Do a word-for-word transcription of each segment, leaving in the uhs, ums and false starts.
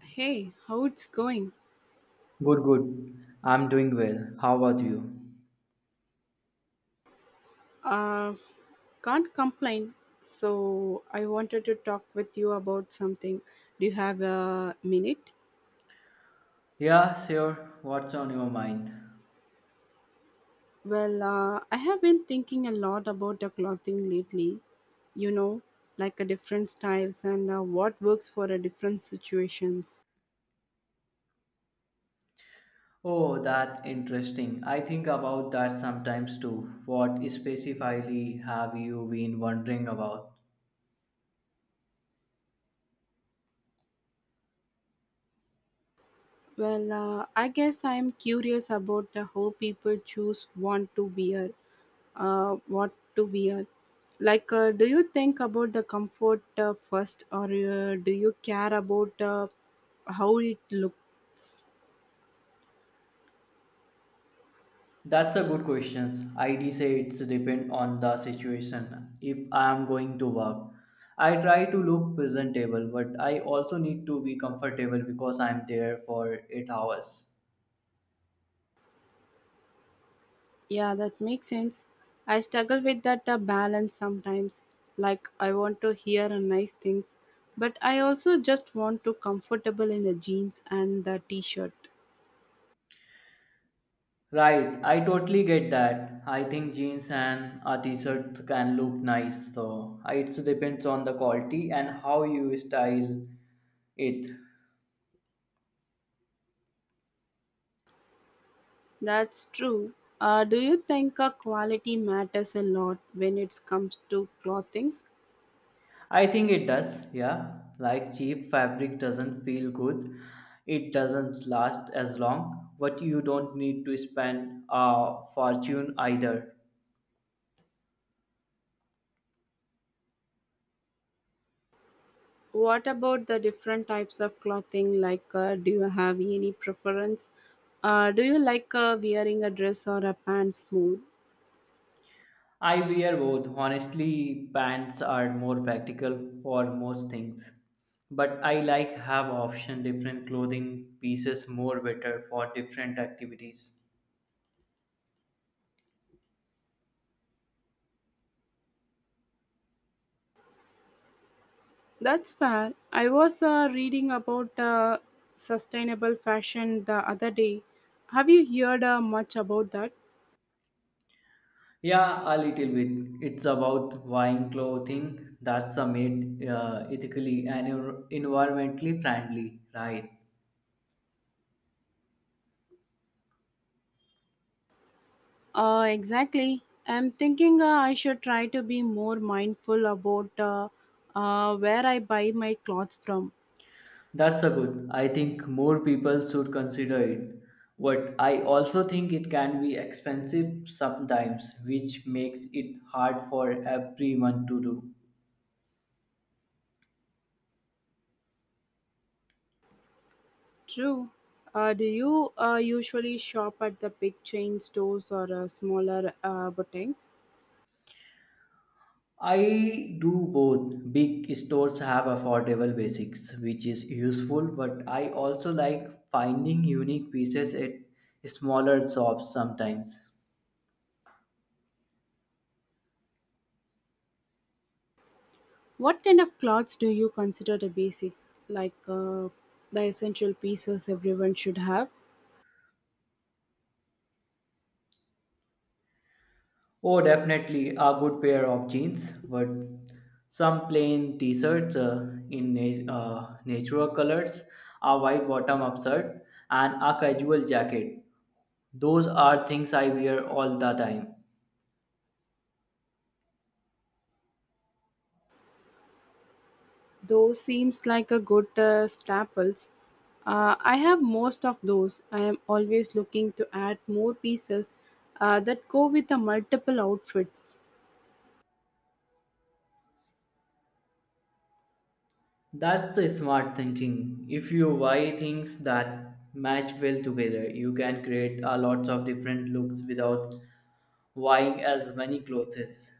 Hey, how it's going? Good, good. I'm doing well. How about you? Uh, can't complain. So I wanted to talk with you about something. Do you have a minute? Yeah, sure. What's on your mind? Well, uh, I have been thinking a lot about the clothing lately. You know, like a different styles and uh, what works for a different situations. Oh, that interesting. I think about that sometimes too. What specifically have you been wondering about? Well, uh, I guess I am curious about the how people choose want to wear uh, what to wear. Like, uh, do you think about the comfort uh, first, or uh, do you care about uh, how it look? That's a good question. I'd say it's depend on the situation. If I am going to work, I try to look presentable, but I also need to be comfortable because I'm there for eight hours. Yeah, that makes sense. I struggle with that uh, balance sometimes. Like, I want to hear uh, nice things, but I also just want to comfortable in the jeans and the t-shirt. Right, I totally get that. I think jeans and a t-shirt can look nice though. It depends on the quality and how you style it. That's true. Uh, do you think uh, quality matters a lot when it comes to clothing? I think it does, yeah. Like cheap fabric doesn't feel good. It doesn't last as long, but you don't need to spend a fortune either. What about the different types of clothing? Like, uh, do you have any preference? Uh, do you like uh, wearing a dress or a pants more? I wear both. Honestly, pants are more practical for most things. But I like have option different clothing pieces more better for different activities. That's fair. I was uh, reading about uh, sustainable fashion the other day. Have you heard uh, much about that? Yeah, a little bit. It's about buying clothing that's a made uh, ethically and envir- environmentally friendly, right? Uh, exactly. I'm thinking uh, I should try to be more mindful about uh, uh, where I buy my clothes from. That's a good. I think more people should consider it. But I also think it can be expensive sometimes, which makes it hard for everyone to do. True. Uh, do you uh, usually shop at the big chain stores or uh, smaller uh, boutiques? I do both. Big stores have affordable basics, which is useful, but I also like finding unique pieces at smaller shops sometimes. What kind of clothes do you consider the basics, like uh, the essential pieces everyone should have? Oh, definitely a good pair of jeans, but some plain t-shirts uh, in na- uh, natural colors, a white bottom upshirt, and a casual jacket. Those are things I wear all the time. Those seems like a good uh, staples. Uh, I have most of those. I am always looking to add more pieces uh, that go with the multiple outfits. That's the smart thinking. If you buy things that match well together, you can create a lots of different looks without buying as many clothes.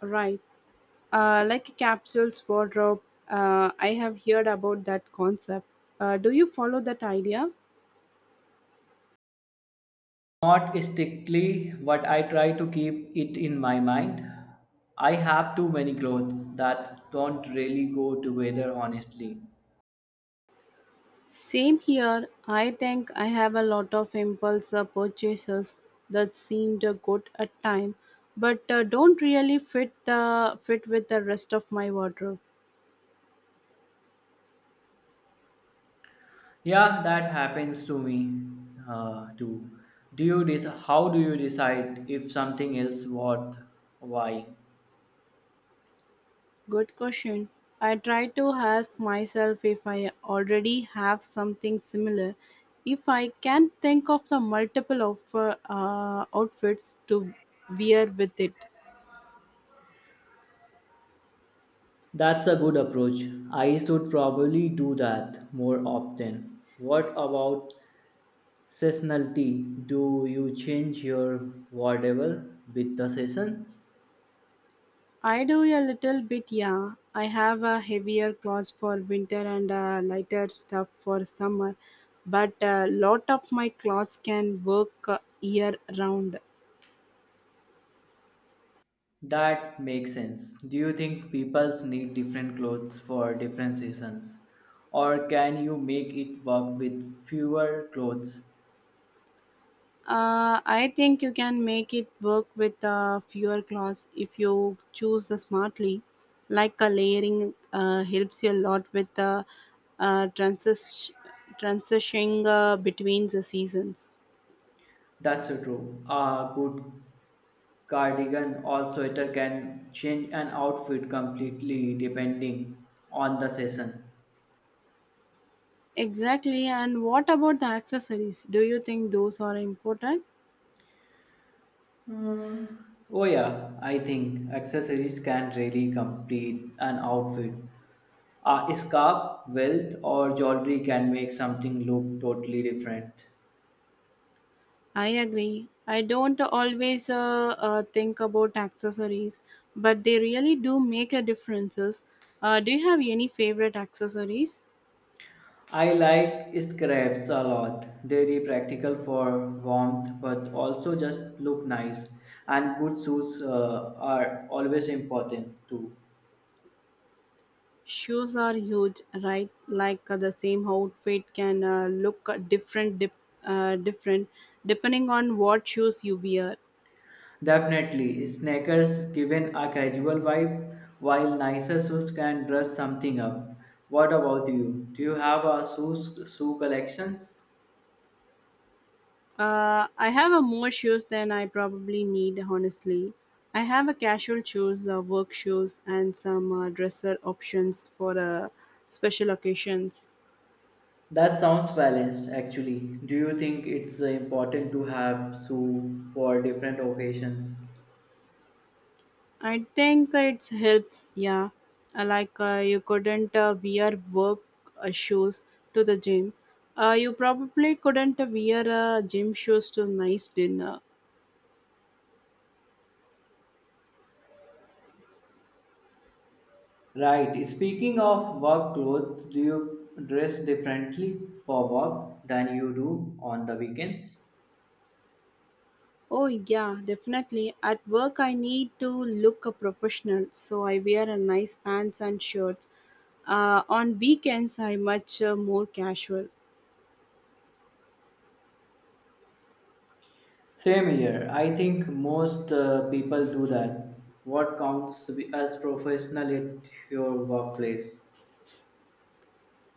Right. Uh, like capsules wardrobe, uh, I have heard about that concept. Uh, do you follow that idea? Not strictly, but I try to keep it in my mind. I have too many clothes that don't really go together, honestly. Same here. I think I have a lot of impulse uh, purchases that seemed uh, good at time, but uh, don't really fit the fit with the rest of my wardrobe. Yeah, that happens to me uh, too. Do you dec- how do you decide if something is worth why? Good question. I try to ask myself if I already have something similar. If I can think of the multiple offer, uh, outfits to wear with it. That's a good approach. I should probably do that more often. What about seasonality? Do you change your wardrobe with the season? I do a little bit, yeah. I have a heavier clothes for winter and a lighter stuff for summer, but a lot of my clothes can work uh, year round. That makes sense. Do you think people need different clothes for different seasons? Or can you make it work with fewer clothes? Uh, I think you can make it work with uh, fewer cloths if you choose the smartly. Like a layering uh, helps you a lot with the uh, transis- transitioning uh, between the seasons. That's so true. A good cardigan or sweater can change an outfit completely depending on the season. Exactly. And what about the accessories? Do you think those are important? Oh, yeah, I think accessories can really complete an outfit. A scarf, belt, or jewelry can make something look totally different. I agree. I don't always uh, uh, think about accessories, but they really do make a differences. Uh, do you have any favorite accessories? I like scraps a lot. They're practical for warmth, but also just look nice. And good shoes uh, are always important too. Shoes are huge, right? Like uh, the same outfit can uh, look uh, different, dip, uh, different depending on what shoes you wear. Definitely, sneakers given a casual vibe, while nicer shoes can dress something up. What about you? Do you have a shoes shoe collections? Uh, I have a more shoes than I probably need, honestly. I have a casual shoes, uh, work shoes, and some uh, dresser options for uh, special occasions. That sounds balanced, actually. Do you think it's uh, important to have shoe for different occasions? I think it helps, yeah. Uh, Like uh, you couldn't uh, wear work uh, shoes to the gym. Uh, you probably couldn't wear uh, gym shoes to nice dinner. Right. Speaking of work clothes, do you dress differently for work than you do on the weekends? Oh, yeah, definitely. At work, I need to look a professional, so I wear a nice pants and shirts. Uh, on weekends, I much uh, more casual. Same here. I think most uh, people do that. What counts as professional at your workplace?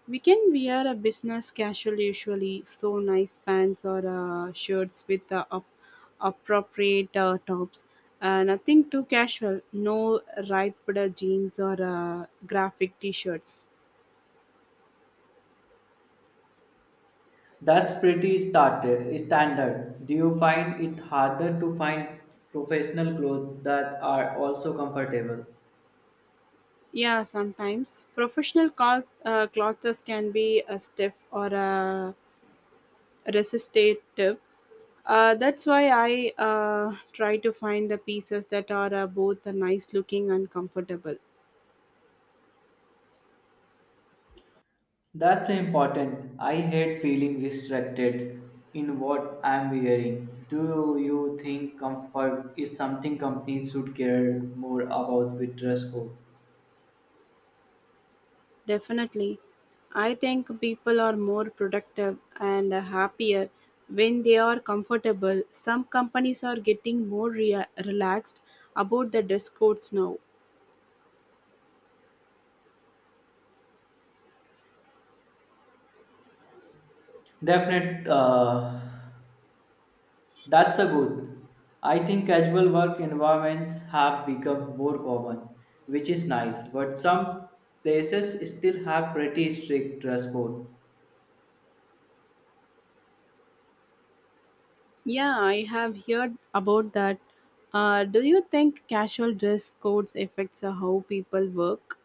We can wear a business casual usually, so nice pants or uh, shirts with uh, up- appropriate uh, tops. Uh, nothing too casual, no ripped uh, jeans or uh, graphic t shirts. That's pretty started, standard. Do you find it harder to find professional clothes that are also comfortable? Yeah, sometimes professional cloth, uh, clothes can be a stiff or a resistive. Uh, that's why I uh, try to find the pieces that are uh, both nice looking and comfortable. That's important. I hate feeling restricted in what I'm wearing. Do you think comfort is something companies should care more about with dress code? Definitely. I think people are more productive and happier when they are comfortable. Some companies are getting more rea- relaxed about the dress codes now. Definite. Uh, that's a good. I think casual work environments have become more common, which is nice. But some places still have pretty strict dress code. Yeah, I have heard about that. Uh, do you think casual dress codes affects uh, how people work?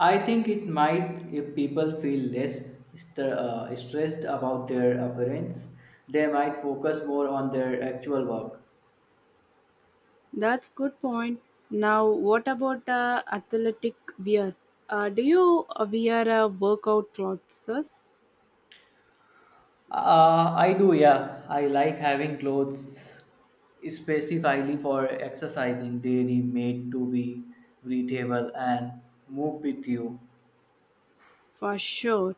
I think it might if people feel less st- uh, stressed about their appearance. They might focus more on their actual work. That's good point. Now, what about uh, athletic wear? Uh, do you uh, wear uh, workout clothes? Uh, I do, yeah. I like having clothes specifically for exercising. They are made to be breathable and move with you. For sure.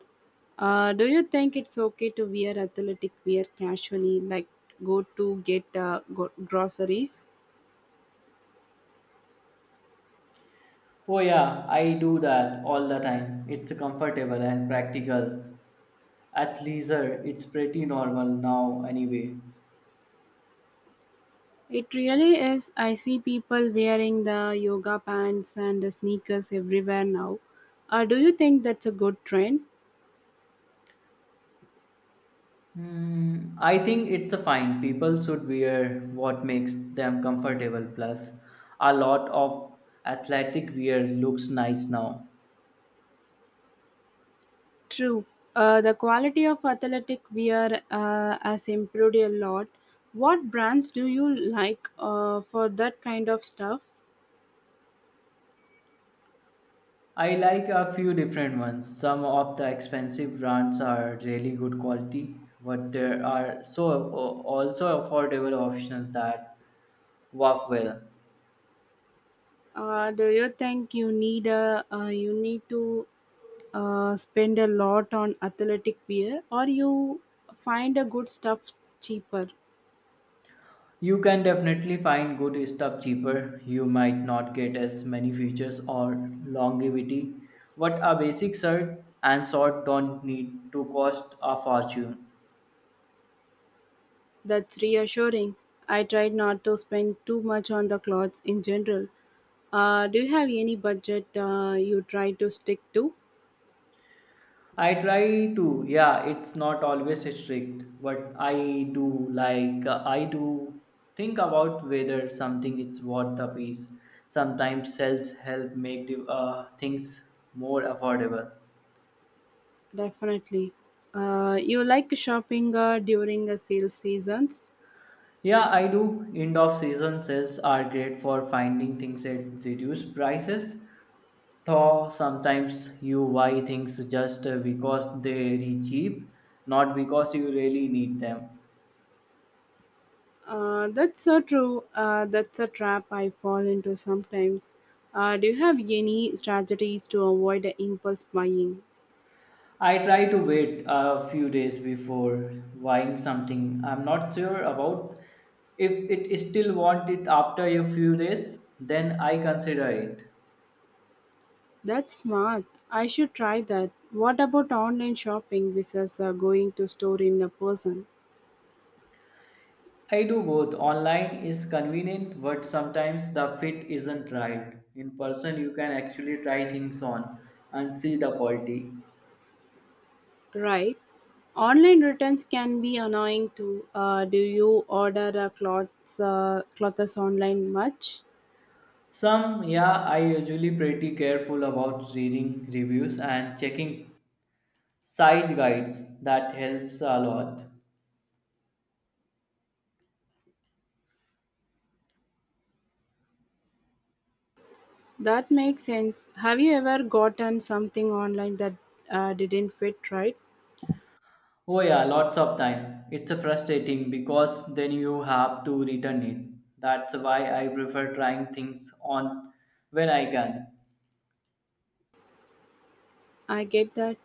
Uh, do you think it's okay to wear athletic wear casually, like go to get uh, go- groceries? Oh, yeah, I do that all the time. It's comfortable and practical. At leisure, it's pretty normal now, anyway. It really is. I see people wearing the yoga pants and the sneakers everywhere now. Uh, do you think that's a good trend? Hmm, I think it's a fine. People should wear what makes them comfortable. Plus, a lot of athletic wear looks nice now. True. Uh, the quality of athletic wear uh, has improved a lot. What brands do you like uh, for that kind of stuff? I like a few different ones. Some of the expensive brands are really good quality, but there are so also affordable options that work well. Uh, do you think you need a uh, you need to uh, spend a lot on athletic wear or you find a good stuff cheaper You can definitely find good stuff cheaper. You might not get as many features or longevity, but a basic shirt and short don't need to cost a fortune. that's reassuring I try not to spend too much on the clothes in general uh, do you have any budget uh, you try to stick to I try to, yeah, it's not always strict, but I do like, I do think about whether something is worth the piece. Sometimes sales help make the, uh, things more affordable. definitely uh, you like shopping uh, during the sale seasons Yeah, I do. End of season sales are great for finding things at reduced prices. Though sometimes you buy things just uh, because they are cheap, not because you really need them. uh, that's so true. Uh, that's a trap I fall into sometimes. Uh, do you have any strategies to avoid the impulse buying? I try to wait a few days before buying something. I'm not sure about if it still want it after a few days, then I consider it. That's smart. I should try that. What about online shopping versus uh, going to store in a person? I do both. Online is convenient, but sometimes the fit isn't right. In person, you can actually try things on and see the quality. Right. Online returns can be annoying too. Uh, do you order uh, clothes, uh, clothes online much? Some, yeah, I usually pretty careful about reading reviews and checking site guides. That helps a lot. That makes sense. Have you ever gotten something online that uh, didn't fit right? Oh yeah, lots of time. It's frustrating because then you have to return it. That's why I prefer trying things on when I can. I get that.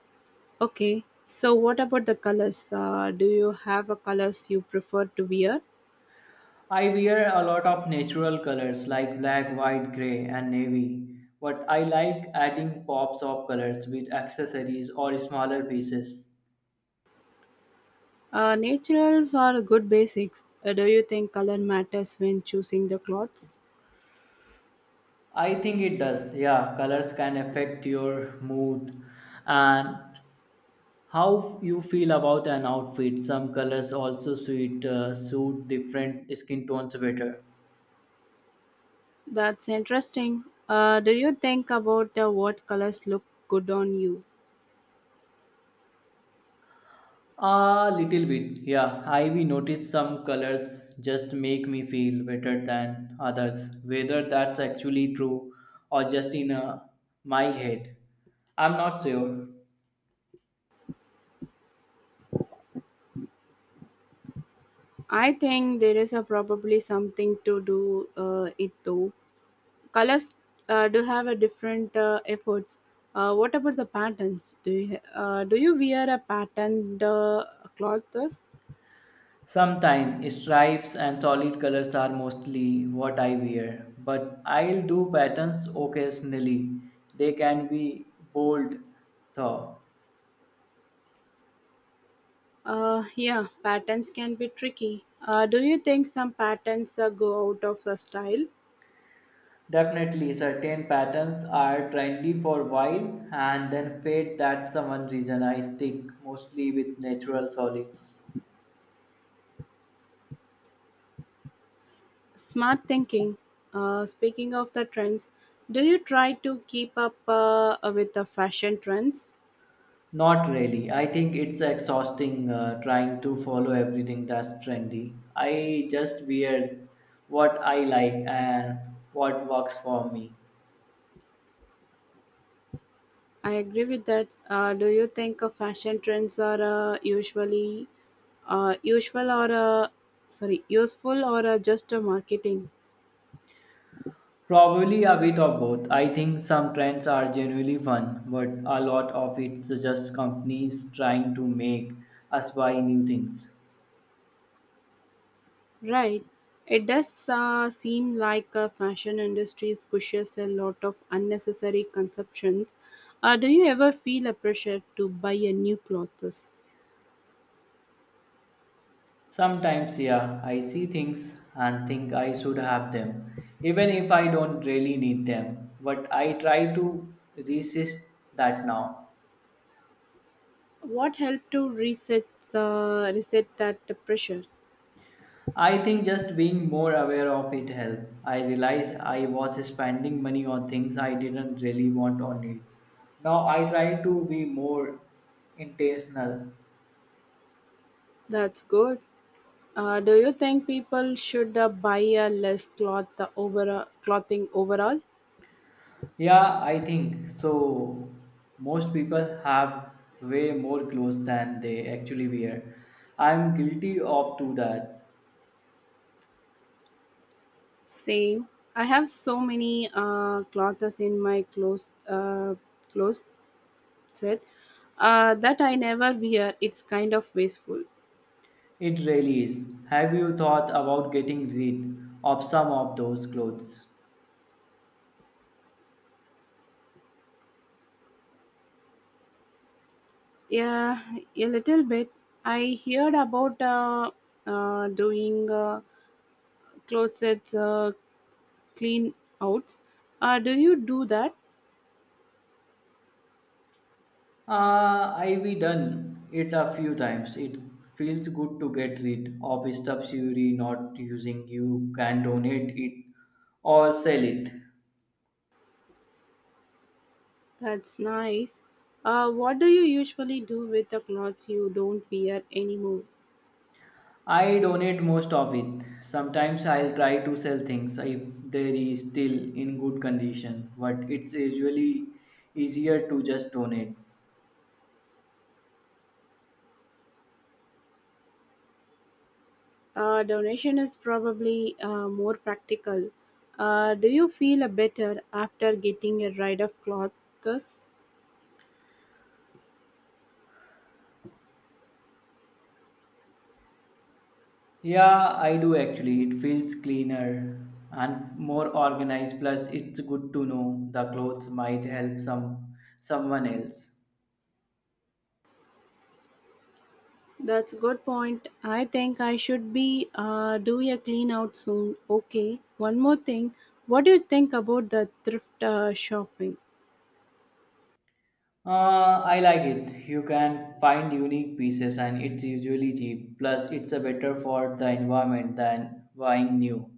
Okay. So what about the colors? Uh, do you have a colors you prefer to wear? I wear a lot of natural colors like black, white, gray, and navy, but I like adding pops of colors with accessories or smaller pieces. Uh, naturals are good basics. Uh, do you think color matters when choosing the clothes? I think it does. Yeah, colors can affect your mood and how you feel about an outfit. Some colors also suit uh, suit different skin tones better. That's interesting. Uh, do you think about uh, what colors look good on you? A little bit, yeah. I we noticed some colors just make me feel better than others, whether that's actually true or just in uh, my head. I'm not sure. I think there is a probably something to do uh, it though. Colors uh, do have a different uh, efforts. Uh, what about the patterns? Do you uh, do you wear a patterned uh, clothes? Sometimes stripes and solid colors are mostly what I wear, but I'll do patterns occasionally. They can be bold, though. Uh, yeah, patterns can be tricky. Uh, do you think some patterns uh, go out of the style? Definitely, certain patterns are trendy for a while and then fade. That's the one reason I stick mostly with natural solids. S- Smart thinking. Uh, speaking of the trends, do you try to keep up uh, with the fashion trends? Not really. I think it's exhausting uh, trying to follow everything that's trendy. I just wear what I like and what works for me. I agree with that. Uh, do you think uh, fashion trends are uh, usually uh, usual or uh, sorry useful or uh, just uh, marketing? Probably a bit of both. I think some trends are genuinely fun, but a lot of it's just companies trying to make us buy new things. Right. It does uh, seem like uh, fashion industries pushes a lot of unnecessary consumptions. Uh, do you ever feel a pressure to buy a new clothes? Sometimes, yeah, I see things and think I should have them, even if I don't really need them. But I try to resist that now. What helped to reset the reset that pressure? I think just being more aware of it helped. I realized I was spending money on things I didn't really want or need. Now I try to be more intentional. That's good. Uh, do you think people should uh, buy a less cloth uh, over uh, clothing overall? Yeah, I think so. Most people have way more clothes than they actually wear. I'm guilty of to that. Same. I have so many uh, clothes in my clothes uh, clothes set uh, that I never wear. It's kind of wasteful. It really is. Have you thought about getting rid of some of those clothes? Yeah, a little bit. I heard about uh, uh, doing uh, closets uh, clean outs. Uh, do you do that? Uh, I've done it a few times. It feels good to get rid of stuff you're not using. You can donate it or sell it. That's nice. Uh, what do you usually do with the clothes you don't wear anymore? I donate most of it. Sometimes I'll try to sell things if they are still in good condition, but it's usually easier to just donate. Uh, donation is probably uh, more practical. Uh, do you feel a better after getting a rid of clothes? Yeah, I do actually. It feels cleaner and more organized. Plus, it's good to know the clothes might help some someone else. That's a good point. I think I should be uh, doing a clean out soon. Okay. One more thing. What do you think about the thrift uh, shopping? Uh, I like it. You can find unique pieces and it's usually cheap. Plus, it's a better for the environment than buying new.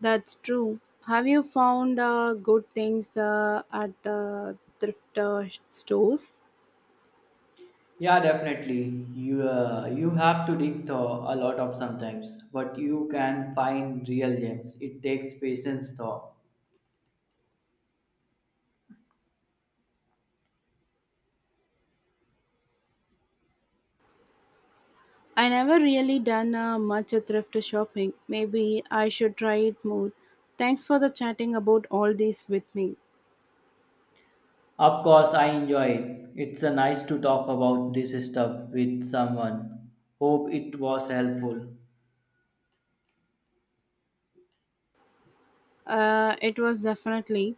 That's true. Have you found uh, good things uh, at the thrift uh, stores? Yeah, definitely. You uh, you have to dig though a lot of sometimes, but you can find real gems. It takes patience though. I never really done uh, much thrift shopping. Maybe I should try it more. Thanks for the chatting about all this with me. Of course, I enjoy it. It's uh, nice to talk about this stuff with someone. Hope it was helpful. Uh, it was definitely.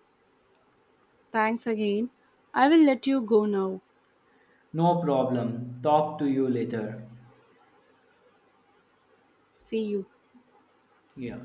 Thanks again. I will let you go now. No problem. Talk to you later. See you. Yeah.